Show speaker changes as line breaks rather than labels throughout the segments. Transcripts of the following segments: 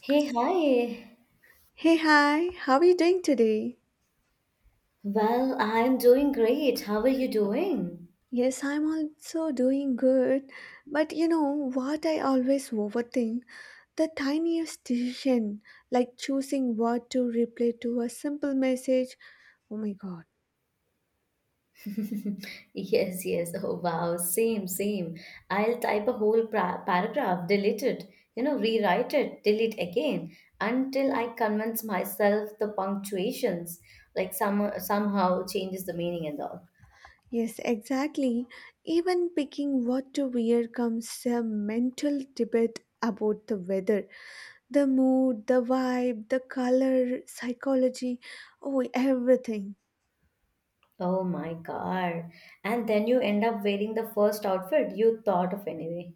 Hey, hi.
Hey, hi, how are you doing today?
Well, I'm doing great. How are you doing?
Yes, I'm also doing good. But you know what I always overthink? The tiniest decision, like choosing what to reply to a simple message. Oh my god.
Yes, yes. Oh, wow. Same, same. I'll type a whole pra paragraph, delete it, rewrite it, delete again until I convince myself the punctuations like somehow changes the meaning and all.
Yes, exactly. Even picking what to wear comes a mental debate about the weather, the mood, the vibe, the color, psychology, oh, everything.
Oh my God. And then you end up wearing the first outfit you thought of anyway.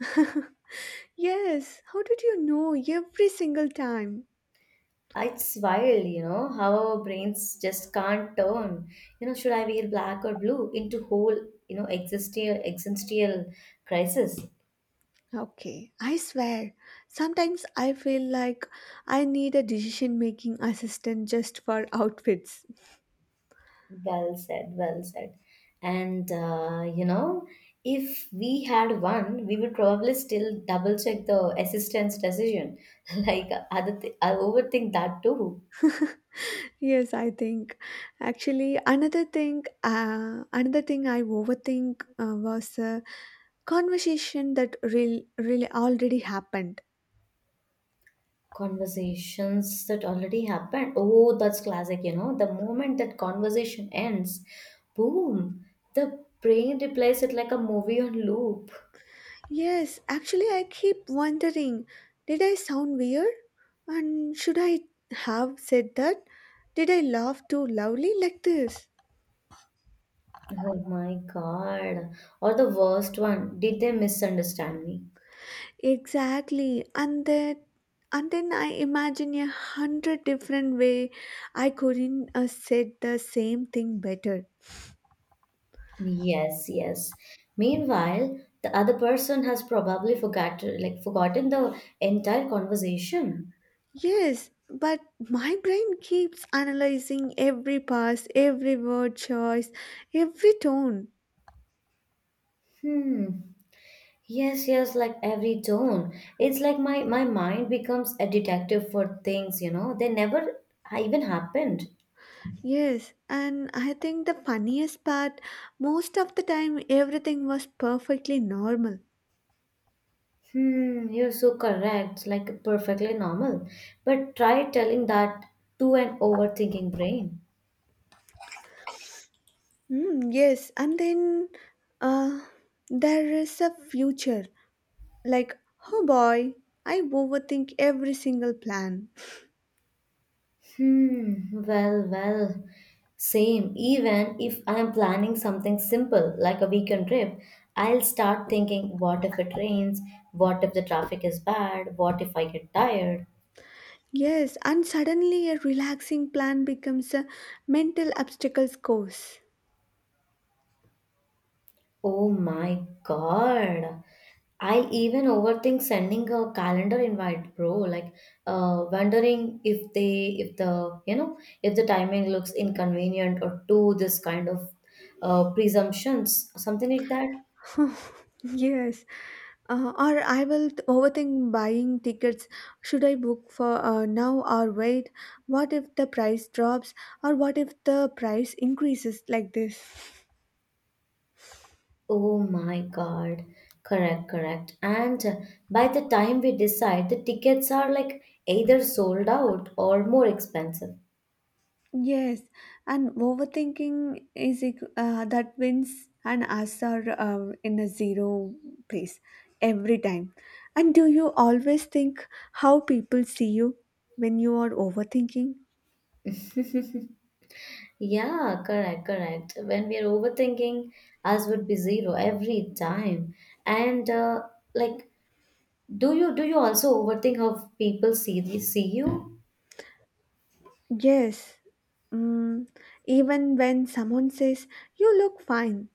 Yes, how did you know every single time?
It's wild, you know, how our brains just can't turn. You know, should I wear black or blue into whole, you know, existential crisis?
Okay, I swear. Sometimes I feel like I need a decision making assistant just for outfits.
Well said, well said. And you know, if we had one, we would probably still double check the assistant's decision. Like, I overthink that too.
Yes, I think. Actually, another thing I overthink was a conversation that really, really already happened.
Conversations that already happened. Oh, that's classic, you know. The moment that conversation ends, boom, the brain replays it like a movie on loop.
Yes, actually, I keep wondering, did I sound weird? And should I have said that? Did I laugh too loudly like this?
Oh my God. Or the worst one, did they misunderstand me?
Exactly. And then I imagine a 100 different way I couldn't have said the same thing better.
Yes, yes. Meanwhile, the other person has probably forgot, like forgotten the entire conversation.
Yes, but my brain keeps analyzing every pass, every word choice, every tone.
Hmm. Yes, yes, like every tone. It's like my mind becomes a detective for things, you know. They never even happened.
Yes, and I think the funniest part, most of the time everything was perfectly normal.
Hmm, you're so correct. Like perfectly normal. But try telling that to an overthinking brain.
Mm, yes, and then uh, there is a future. Like, oh boy, I overthink every single plan.
Hmm, well, well. Same. Even if I'm planning something simple like a weekend trip, I'll start thinking, what if it rains? What if the traffic is bad? What if I get tired?
Yes, and suddenly a relaxing plan becomes a mental obstacles course.
Oh my God. I even overthink sending a calendar invite, bro. Like, wondering if they, if the, you know, if the timing looks inconvenient or too this kind of presumptions, something like that.
Yes. Or I will overthink buying tickets. Should I book for now or wait? What if the price drops? Or what if the price increases like this?
Oh my God. Correct, correct. And by the time we decide, the tickets are like either sold out or more expensive.
Yes, and overthinking is that wins, and us are in a zero place every time. And do you always think how people see you when you are overthinking?
Yeah, correct, correct. When we are overthinking, us would be zero every time. And like, do you also overthink how people see see you?
Yes. Mm, Even when someone says you look fine,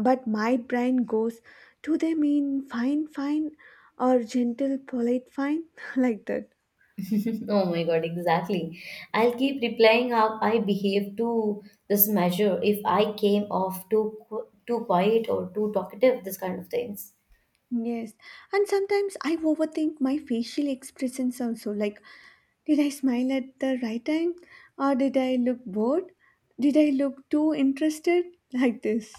but my brain goes, do they mean fine, fine, or gentle, polite, fine? Like that.
Oh my God, exactly. I'll keep replying how I behave to this measure if I came off too quiet or too talkative, this kind of things.
Yes. And sometimes I overthink my facial expressions also. Like, did I smile at the right time? Or did I look bored? Did I look too interested? Like this.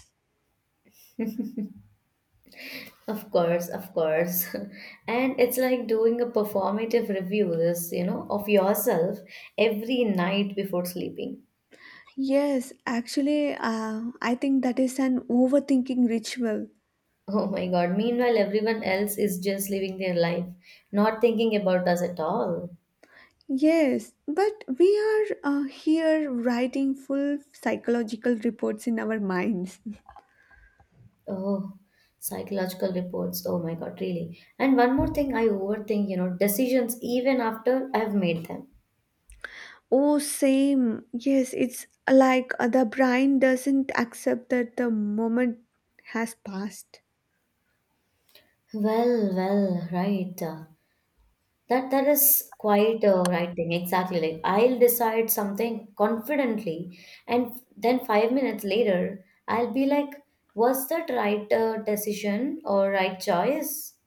Of course, of course. And it's like doing a performative review, this, you know, of yourself every night before sleeping.
Yes, actually, I think that is an overthinking ritual.
Oh my god. Meanwhile, everyone else is just living their life, not thinking about us at all.
Yes, but we are here writing full psychological reports in our minds.
Oh, psychological reports. Oh my god, really. And one more thing I overthink, you know, decisions even after I've made them.
Oh, same. Yes, it's like the brain doesn't accept that the moment has passed.
Well, well, right. That is quite a right thing. Exactly. Like I'll decide something confidently, and then 5 minutes later, I'll be like, "Was that right decision or right choice?"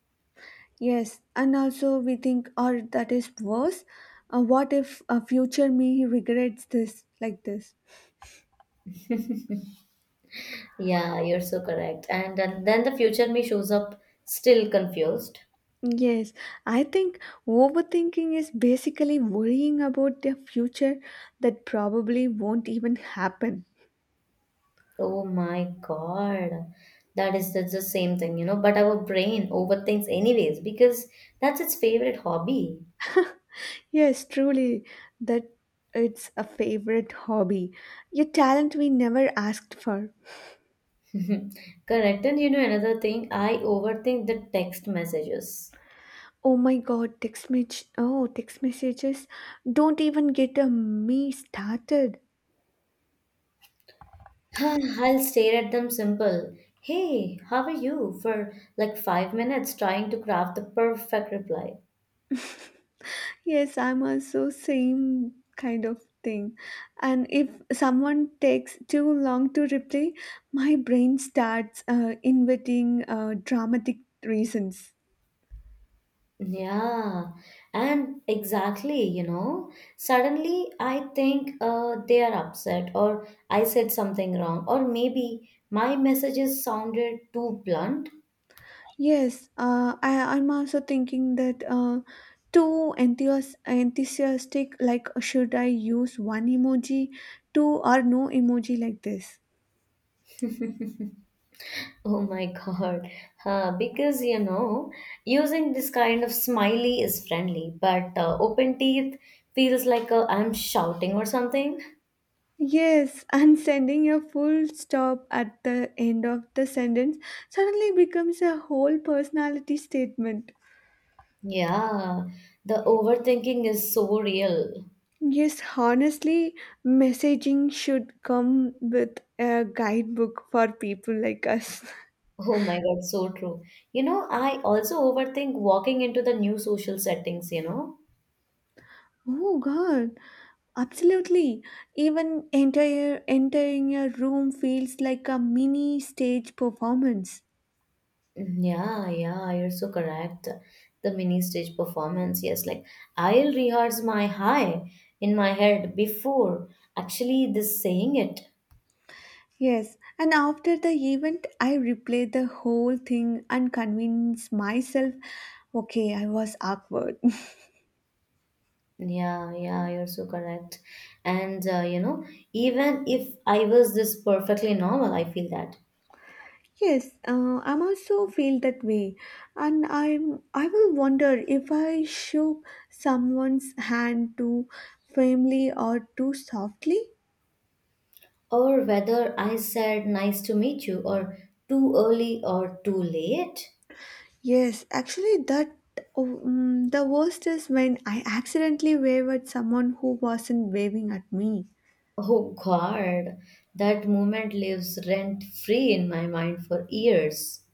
Yes, and also we think, or that is worse, what if a future me regrets this like this?
Yeah, you're so correct. And then the future me shows up still confused.
Yes, I think overthinking is basically worrying about the future that probably won't even happen.
Oh my God. That is the same thing, you know. But our brain overthinks anyways because that's its favorite hobby.
Yes, truly, that it's a favorite hobby. Your talent we never asked for.
Correct. And you know another thing, I overthink the text messages.
Oh my god, text message. Oh, text messages. Don't even get a me started.
Huh, I'll stare at them simple. Hey, how are you? For like 5 minutes trying to craft the perfect reply.
Yes, I'm also same kind of thing. And if someone takes too long to reply, my brain starts inventing dramatic reasons.
Yeah, and exactly, you know, suddenly I think they are upset, or I said something wrong, or maybe my messages sounded too blunt.
Yes, I'm also thinking that too enthusiastic, like should I use one emoji, two or no emoji like this?
Oh my God. Because, you know, using this kind of smiley is friendly, but open teeth feels like I'm shouting or something.
Yes, and sending a full stop at the end of the sentence suddenly becomes a whole personality statement.
Yeah, the overthinking is so real.
Yes, honestly, messaging should come with a guidebook for people like us.
Oh my God, so true. You know, I also overthink walking into the new social settings, you know?
Oh god, absolutely. Even entire entering a room feels like a mini stage performance.
Mm, yeah, yeah, you're so correct. The mini stage performance, yes, like I'll rehearse my hi in my head before actually this saying it.
Yes, and after the event, I replay the whole thing and convince myself, okay, I was awkward.
Yeah, yeah, you're so correct. And you know, even if I was this perfectly normal, I feel that.
Yes, I'm also feel that way, and I will wonder if I shook someone's hand too firmly or too softly.
Or whether I said nice to meet you, or too early or too late.
Yes, actually, that the worst is when I accidentally wave at someone who wasn't waving at me.
Oh God, that moment lives rent free in my mind for years.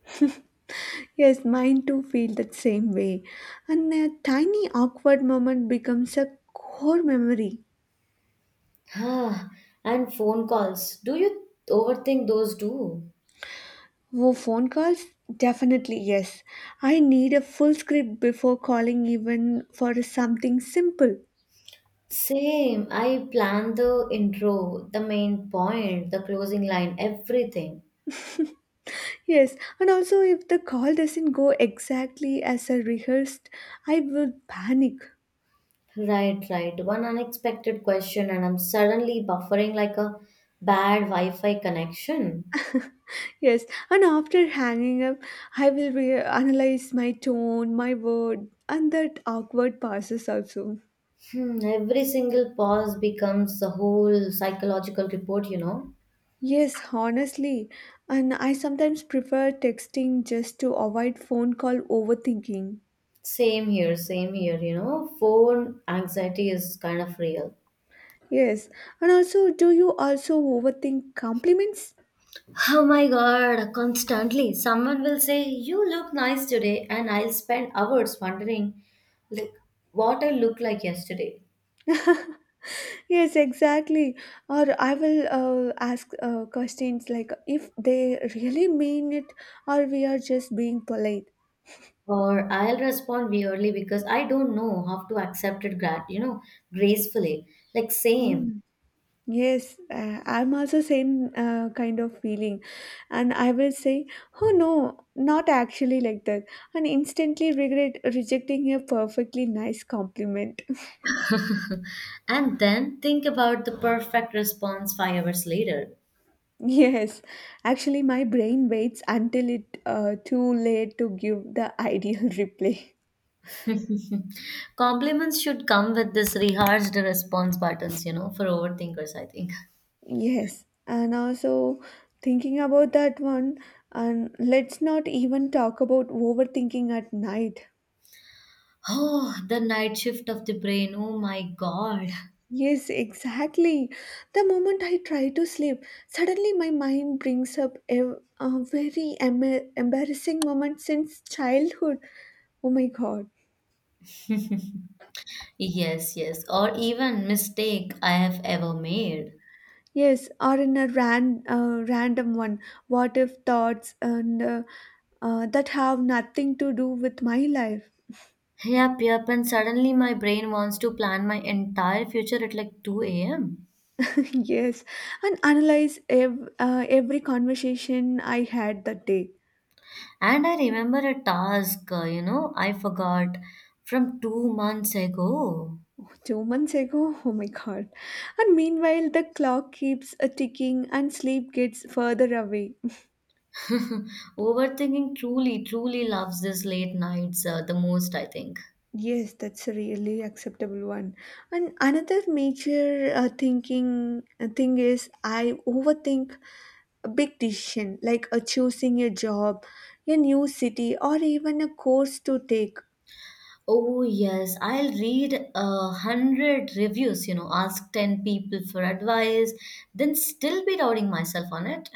Yes, mine too feel that same way, and a tiny awkward moment becomes a core memory.
Ah, and phone calls. Do you overthink those too?
Oh, phone calls? Definitely yes. I need a full script before calling, even for something simple.
Same. I plan the intro, the main point, the closing line, everything.
Yes, and also if the call doesn't go exactly as I rehearsed, I will panic.
Right, right. One unexpected question, and I'm suddenly buffering like a bad Wi Fi connection.
Yes, and after hanging up, I will analyze my tone, my word, and that awkward passes also.
Hmm, every single pause becomes a whole psychological report, you know.
Yes, honestly, and I sometimes prefer texting just to avoid phone call overthinking.
Same here, same here. You know, phone anxiety is kind of real.
Yes, and also, do you also overthink compliments?
Oh my god, constantly someone will say, you look nice today, and I'll spend hours wondering, like, what I look like yesterday.
Yes, exactly. Or I will ask questions like if they really mean it, or we are just being polite.
Or I'll respond weirdly because I don't know how to accept it, you know, gracefully. Like, same.
Mm. Yes, I'm also same kind of feeling, and I will say, "Oh no, not actually like that," and instantly regret rejecting a perfectly nice compliment.
And then think about the perfect response 5 hours later.
Yes, actually, my brain waits until it too late to give the ideal reply.
Compliments should come with this rehearsed response buttons, you know, for overthinkers, I think.
Yes, and also thinking about that one, and let's not even talk about overthinking at night.
Oh, the night shift of the brain. Oh my God.
Yes, exactly. The moment I try to sleep, suddenly my mind brings up a very embarrassing moment since childhood. Oh my god.
Yes, yes. Or even mistake I have ever made.
Yes, or in a random one. What if thoughts and that have nothing to do with my life.
Yep, yep. And suddenly my brain wants to plan my entire future at like 2 a.m.
Yes, and analyze every conversation I had that day.
And I remember a task, you know, I forgot from 2 months ago.
2 months ago? Oh my god. And meanwhile, the clock keeps a ticking and sleep gets further away.
Overthinking truly, truly loves this late nights the most, I think.
Yes, that's a really acceptable one. And another major thinking thing is I overthink a big decision, like choosing a job, a new city, or even a course to take.
Oh, yes, I'll read 100 reviews, you know, ask 10 people for advice, then still be doubting myself on it.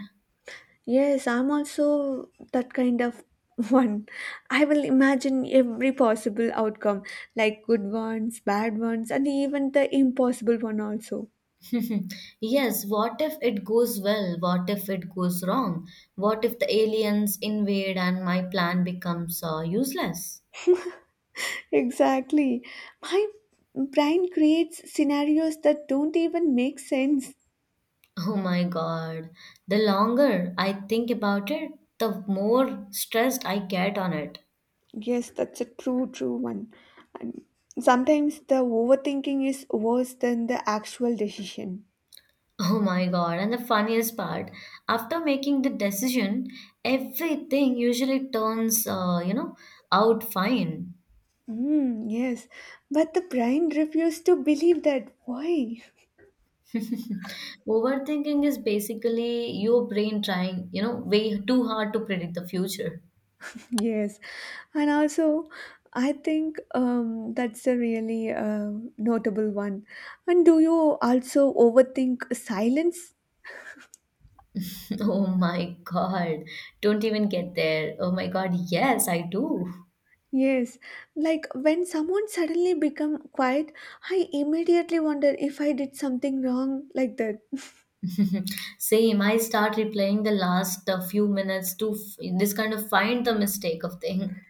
Yes, I'm also that kind of one. I will imagine every possible outcome, like good ones, bad ones, and even the impossible one also.
Yes, what if it goes well? What if it goes wrong? What if the aliens invade and my plan becomes useless?
Exactly. My brain creates scenarios that don't even make sense.
Oh my god, the longer I think about it, the more stressed I get on it.
Yes, that's a true, true one. And sometimes the overthinking is worse than the actual decision.
Oh my God. And the funniest part, after making the decision, everything usually turns, out fine.
Mm, yes, but the brain refuses to believe that. Why?
Overthinking is basically your brain trying, you know, way too hard to predict the future.
Yes, and also I think that's a really notable one. And do you also overthink silence?
Oh my God. Don't even get there. Oh my God. Yes, I do.
Yes, like when someone suddenly become quiet, I immediately wonder if I did something wrong like that.
Same. I start replaying the last few minutes to this kind of find the mistake of thing.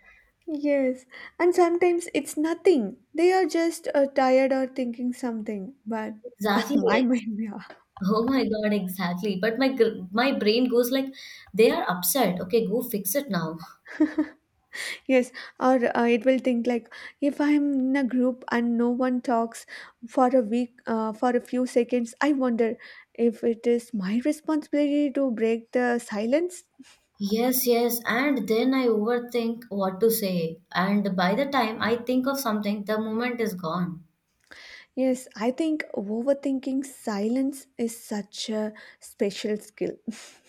Yes, and sometimes it's nothing. They are just tired or thinking something, but
Exactly.
my mind, yeah.
Oh my God, exactly. But my brain goes like, they are upset. Okay, go fix it now.
Yes, or it will think like if I'm in a group and no one talks for a few seconds, I wonder if it is my responsibility to break the silence.
Yes, yes. And then I overthink what to say. And by the time I think of something, the moment is gone.
Yes, I think overthinking silence is such a special skill.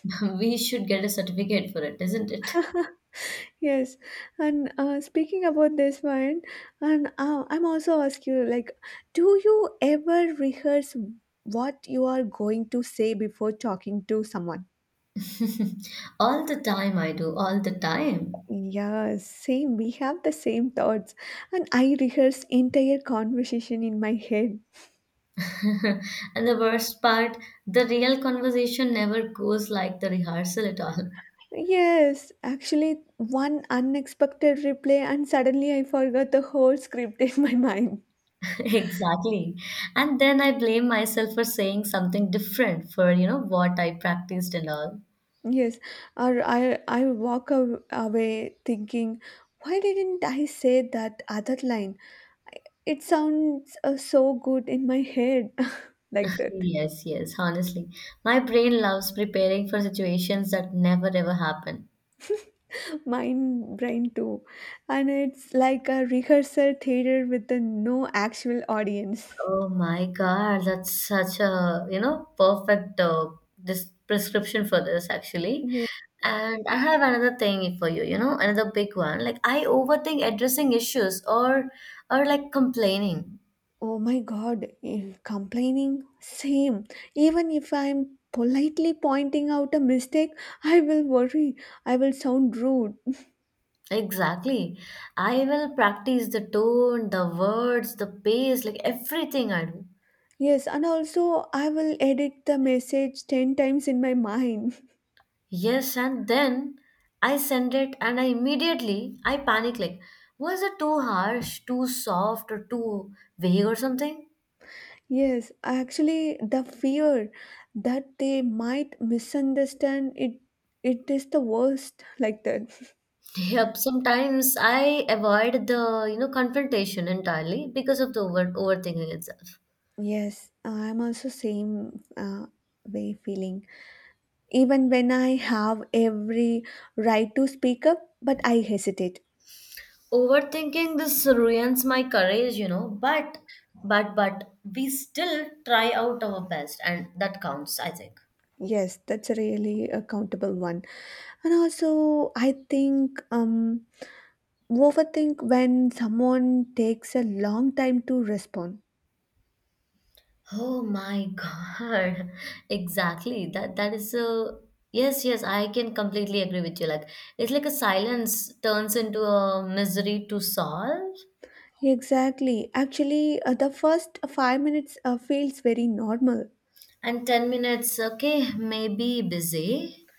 We should get a certificate for it, isn't it?
Yes, and speaking about this one, and I'm also ask you like, do you ever rehearse what you are going to say before talking to someone?
All the time I do, all the time.
Yeah, same. We have the same thoughts. And I rehearse entire conversation in my head.
And the worst part, the real conversation never goes like the rehearsal at all.
Yes, actually one unexpected replay and suddenly I forgot the whole script in my mind.
Exactly. And then I blame myself for saying something different for, you know, what I practiced and all.
Yes, or I walk away thinking, why didn't I say that other line? It sounds so good in my head, like that.
Yes, yes, honestly. My brain loves preparing for situations that never ever happen.
Mind brain too, and it's like a rehearsal theater with a no actual audience.
Oh my God, that's such a, you know, perfect this prescription for this actually.
Yeah.
And I have another thing for you, you know, another big one. Like I overthink addressing issues or like complaining.
Oh my god, complaining same. Even if I'm politely pointing out a mistake, I will worry I will sound rude.
Exactly. I will practice the tone, the words, the pace, like everything I do.
Yes, and also I will edit the message 10 times in my mind.
Yes, and then I send it and I immediately I panic like was it too harsh, too soft or too vague or something?
Yes, actually, the fear that they might misunderstand it is the worst, like that.
Yep, sometimes I avoid the, you know, confrontation entirely because of the overthinking itself.
Yes, I'm also same way feeling. Even when I have every right to speak up, but I hesitate.
Overthinking this ruins my courage, you know, but but we still try out our best and that counts, I think.
Yes, that's a really a countable one. And also, I think overthink when someone takes a long time to respond.
Oh my God. Exactly. That that is a yes, yes, I can completely agree with you. Like it's like a silence turns into a misery to solve.
Exactly. Actually, the first 5 minutes feels very normal.
And 10 minutes, okay, maybe busy.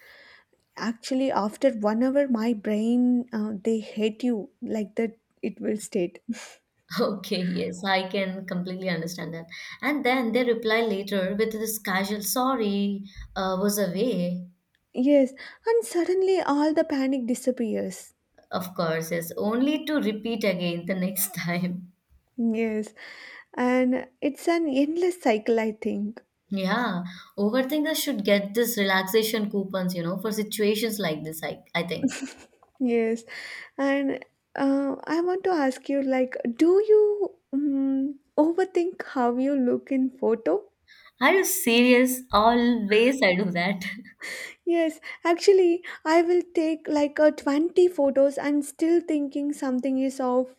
Actually, after 1 hour, my brain, they hate you like that, it will state.
Okay, yes, I can completely understand that. And then they reply later with this casual sorry, was away,
Yes, and suddenly all the panic disappears.
of course, yes, only to repeat again the next time.
Yes, and it's an endless cycle, I think.
Yeah, overthinkers should get this relaxation coupons, you know, for situations like this, I think.
Yes, and I want to ask you, like, do you overthink how you look in photo?
Are you serious? Always I do that.
Yes, actually, I will take like a 20 photos and still thinking something is off.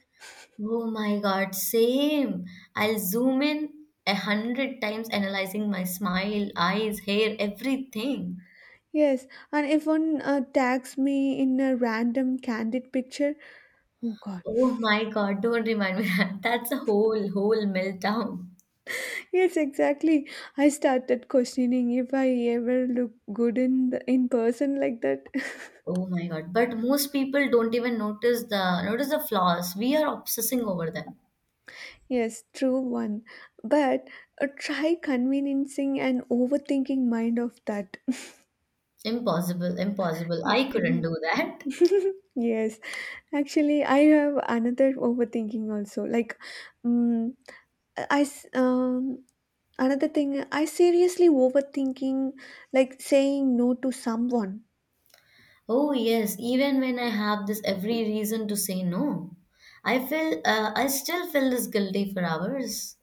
Oh my God, same. I'll zoom in 100 times, analyzing my smile, eyes, hair, everything.
Yes, and if one tags me in a random candid picture, oh god.
Oh my God, don't remind me that. That's a whole meltdown.
Yes, exactly. I started questioning if I ever look good in in person, like that.
Oh my God. But most people don't even notice the flaws. We are obsessing over them.
Yes, true one. But try convincing an overthinking mind of that.
Impossible, impossible. I couldn't do that.
Yes. Actually, I have another overthinking also. Like, um, I s- um, another thing I seriously overthinking, like saying no to someone.
Oh yes, even when I have this every reason to say no, I feel I still feel this guilty for hours.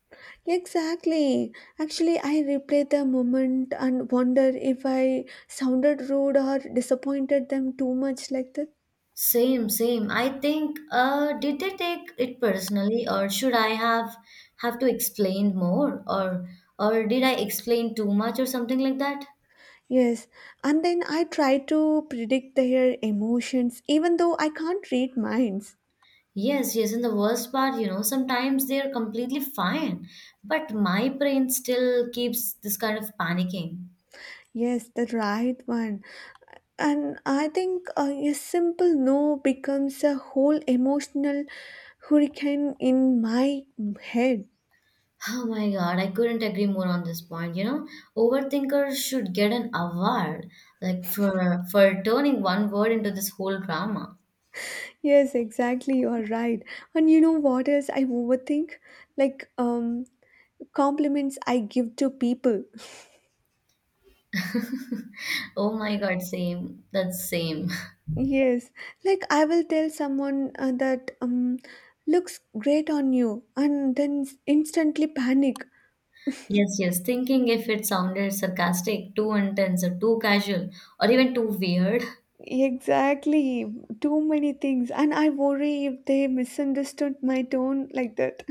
Exactly. Actually, I replay the moment and wonder if I sounded rude or disappointed them too much, like that.
Same, same. I think, did they take it personally, or should I have to explain more, or did I explain too much, or something like that?
Yes, and then I try to predict their emotions even though I can't read minds.
Yes, yes. And the worst part, you know, sometimes they are completely fine, but my brain still keeps this kind of panicking.
Yes, the right one. And I think a simple no becomes a whole emotional hurricane in my head.
Oh my God, I couldn't agree more on this point. You know, overthinkers should get an award, like for turning one word into this whole drama.
Yes, exactly. You are right. And you know what else I overthink? Like, compliments I give to people.
Oh my God, same. That's same.
Yes, like I will tell someone that looks great on you, and then instantly panic.
Yes, yes. Thinking if it sounded sarcastic, too intense, or too casual, or even too weird.
Exactly, too many things, and I worry if they misunderstood my tone, like that.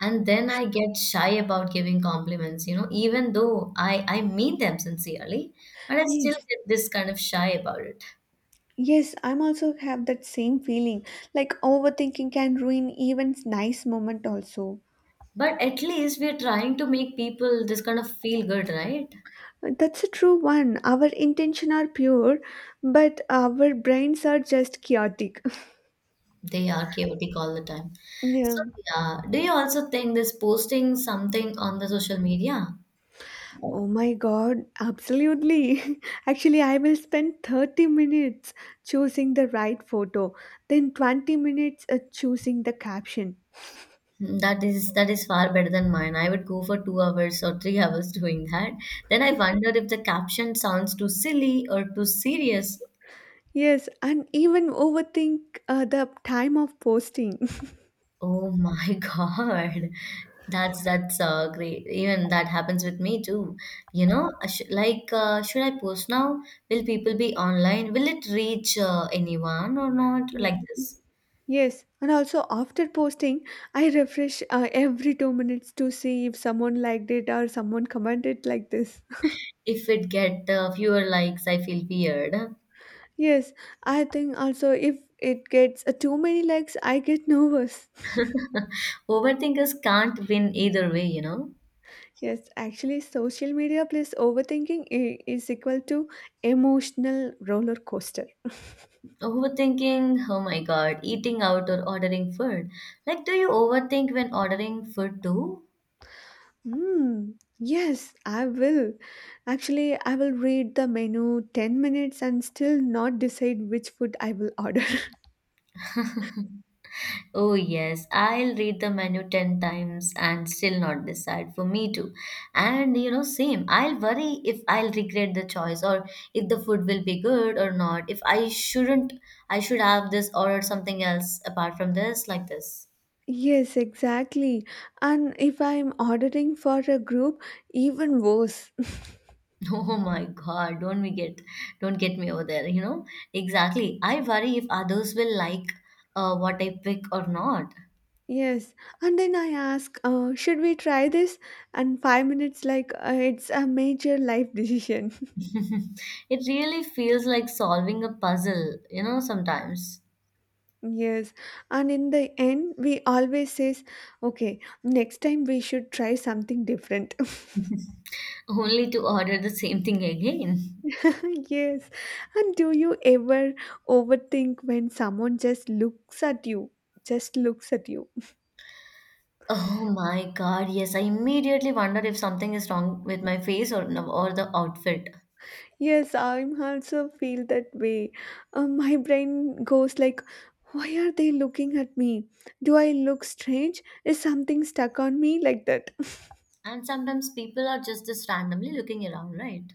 And then I get shy about giving compliments, you know, even though I mean them sincerely, but I still
Yes.
get this kind of shy about it.
Yes, I'm also have that same feeling. Like overthinking can ruin even nice moment also.
But at least we're trying to make people just kind of feel good, right?
That's a true one. Our intention are pure, but our brains are just chaotic.
They are chaotic all the time. So,
Yeah.
yeah. Do you also think this posting something on the social media?
Oh my god, absolutely. Actually, I will spend 30 minutes choosing the right photo, then 20 minutes choosing the caption.
Mm, that is far better than mine. I would go for 2 hours or 3 hours doing that. Then I wonder if the caption sounds too silly or too serious.
Yes, and even overthink the time of posting.
Oh my God. That's great. Even that happens with me too. You know, I sh like should I post now? Will people be online? Will it reach anyone or not? Like
Y-
this.
Yes, and also after posting, I refresh every 2 minutes to see if someone liked it or someone commented like this.
If it get fewer likes, I feel weird.
Yes, I think also if it gets too many likes, I get nervous.
Overthinkers can't win either way, you know.
Yes, actually, social media plus overthinking is equal to emotional roller coaster.
Overthinking, oh my god, eating out or ordering food. Like, do you overthink when ordering food too?
Mm, yes, I will. Actually, I will read the menu 10 minutes and still not decide which food I will order.
Oh, yes, I'll read the menu 10 times and still not decide for me too. And you know, same, I'll worry if I'll regret the choice or if the food will be good or not. If I shouldn't, I should have this or something else apart from this, like this.
Yes, exactly. And if I'm ordering for a group, even worse.
Oh my God, don't get me over there, you know? Exactly. I worry if others will like what I pick or not.
Yes. And then I ask, should we try this? And 5 minutes, like, it's a major life decision.
It really feels like solving a puzzle, you know, sometimes.
Yes. And in the end, we always says, okay, next time we should try something different.
Only to order the same thing again.
Yes. And do you ever overthink when someone just looks at you? Just looks at you?
Oh my God, yes, I immediately wonder if something is wrong with my face or the outfit.
Yes, I'm also feel that way. My brain goes like, why are they looking at me? Do I look strange? Is something stuck on me like that?
And sometimes people are just randomly looking around, right?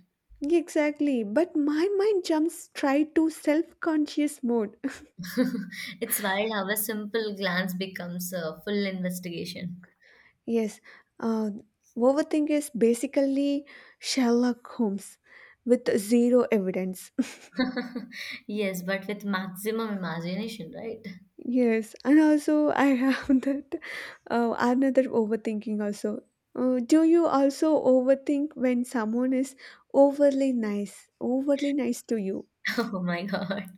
Exactly. But my mind jumps straight to self-conscious mode.
It's wild how a simple glance becomes a full investigation.
Yes, uh, overthink is basically Sherlock Holmes with zero evidence.
Yes, but with maximum imagination, right?
Yes, and also I have that another overthinking also. Do you also overthink when someone is overly nice to you?
Oh my God.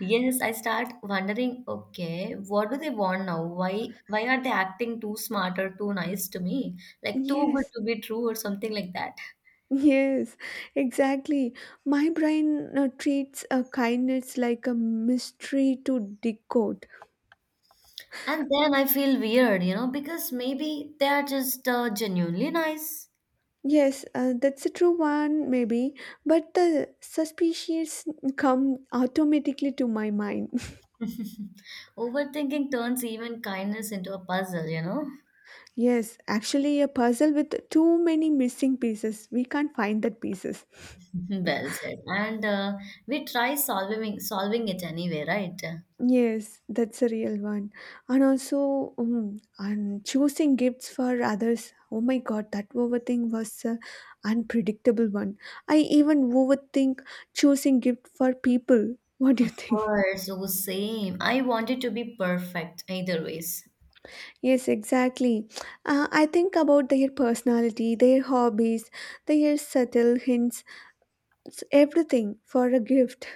Yes, I start wondering, okay, what do they want now? Why are they acting too smart or too nice to me? Like too good
Yes,
to be true or something like that.
yes, exactly. My brain treats kindness like a mystery to decode.
And then I feel weird, you know, because maybe they are just genuinely nice.
Yes, that's a true one, maybe, but the suspicions come automatically to my mind.
Overthinking turns even kindness into a puzzle, you know?
Yes, actually, a puzzle with too many missing pieces. We can't find that pieces.
Well said. And we try solving it anyway, right?
Yes, that's a real one. And also, and choosing gifts for others. Oh my God, that overthink was an unpredictable one. I even overthink choosing gift for people. What do
Of
you think?
course, so same. I want it to be perfect either ways.
Yes, exactly. I think about their personality, their hobbies, their subtle hints, it's everything for a gift.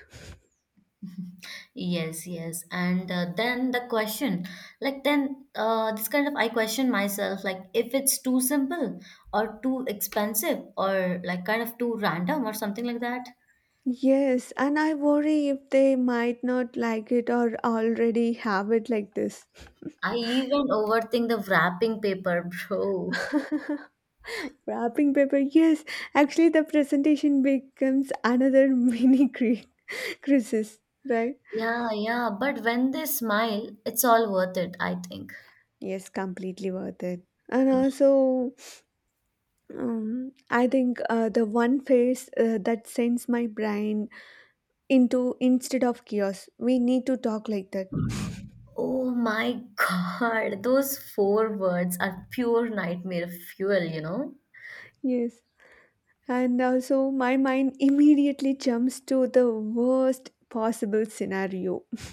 Yes, yes. And then the question, like then this kind of I question myself, like if it's too simple or too expensive or like kind of too random or something like that.
Yes, and I worry if they might not like it or already have it like this.
I even overthink the wrapping paper, bro.
Wrapping paper, yes. Actually, the presentation becomes another crisis, right?
Yeah, yeah. But when they smile, it's all worth it, I think.
Yes, completely worth it. And also, I think the one phase that sends my brain into instead of chaos, we need to talk like that.
Oh my god, those four words are pure nightmare fuel, you know?
Yes. And also, my mind immediately jumps to the worst possible scenario.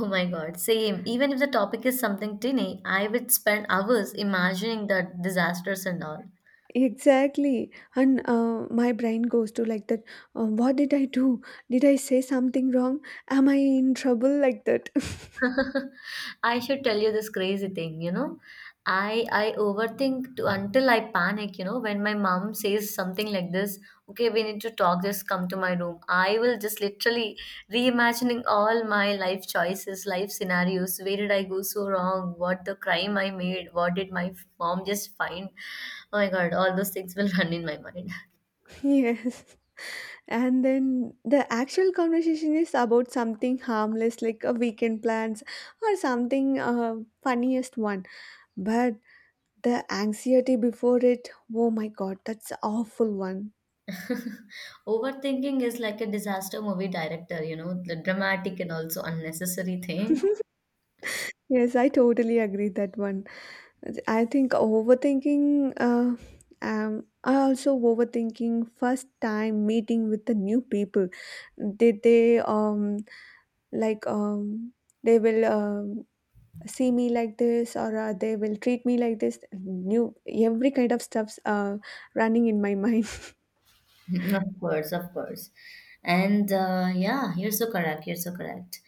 Oh my god, same. Even if the topic is something tinny, I would spend hours imagining the disasters and all.
Exactly. And my brain goes to like that what did I do? Did I say something wrong? Am I in trouble? Like that.
I should tell you this crazy thing, you know. I overthink to, until I panic, you know, when my mom says something like this, okay, we need to talk, just come to my room. I will just literally reimagining all my life choices, life scenarios. Where did I go so wrong? What the crime I made? What did my mom just find? Oh my God, all those things will run in my mind.
Yes. And then the actual conversation is about something harmless, like a weekend plans or something funniest one. But the anxiety before it, oh my god, that's awful one.
Overthinking is like a disaster movie director, you know, the dramatic and also unnecessary thing.
Yes, I totally agree that one. I think overthinking. I also overthinking first time meeting with the new people. Did they like they will see me like this or they will treat me like this? New every kind of stuffs running in my mind.
Mhm. Of course, of course. And yeah, you're so correct. You're so correct.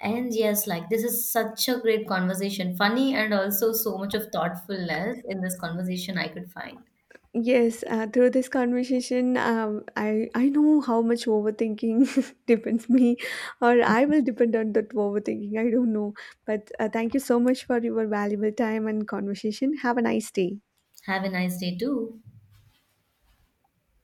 And yes, like this is such a great conversation. Funny and also so much of thoughtfulness in this conversation I could find.
Yes, through this conversation, I know how much overthinking depends me, or I will depend on that overthinking. I don't know, but thank you so much for your valuable time and conversation. Have a nice day.
Have a nice day too.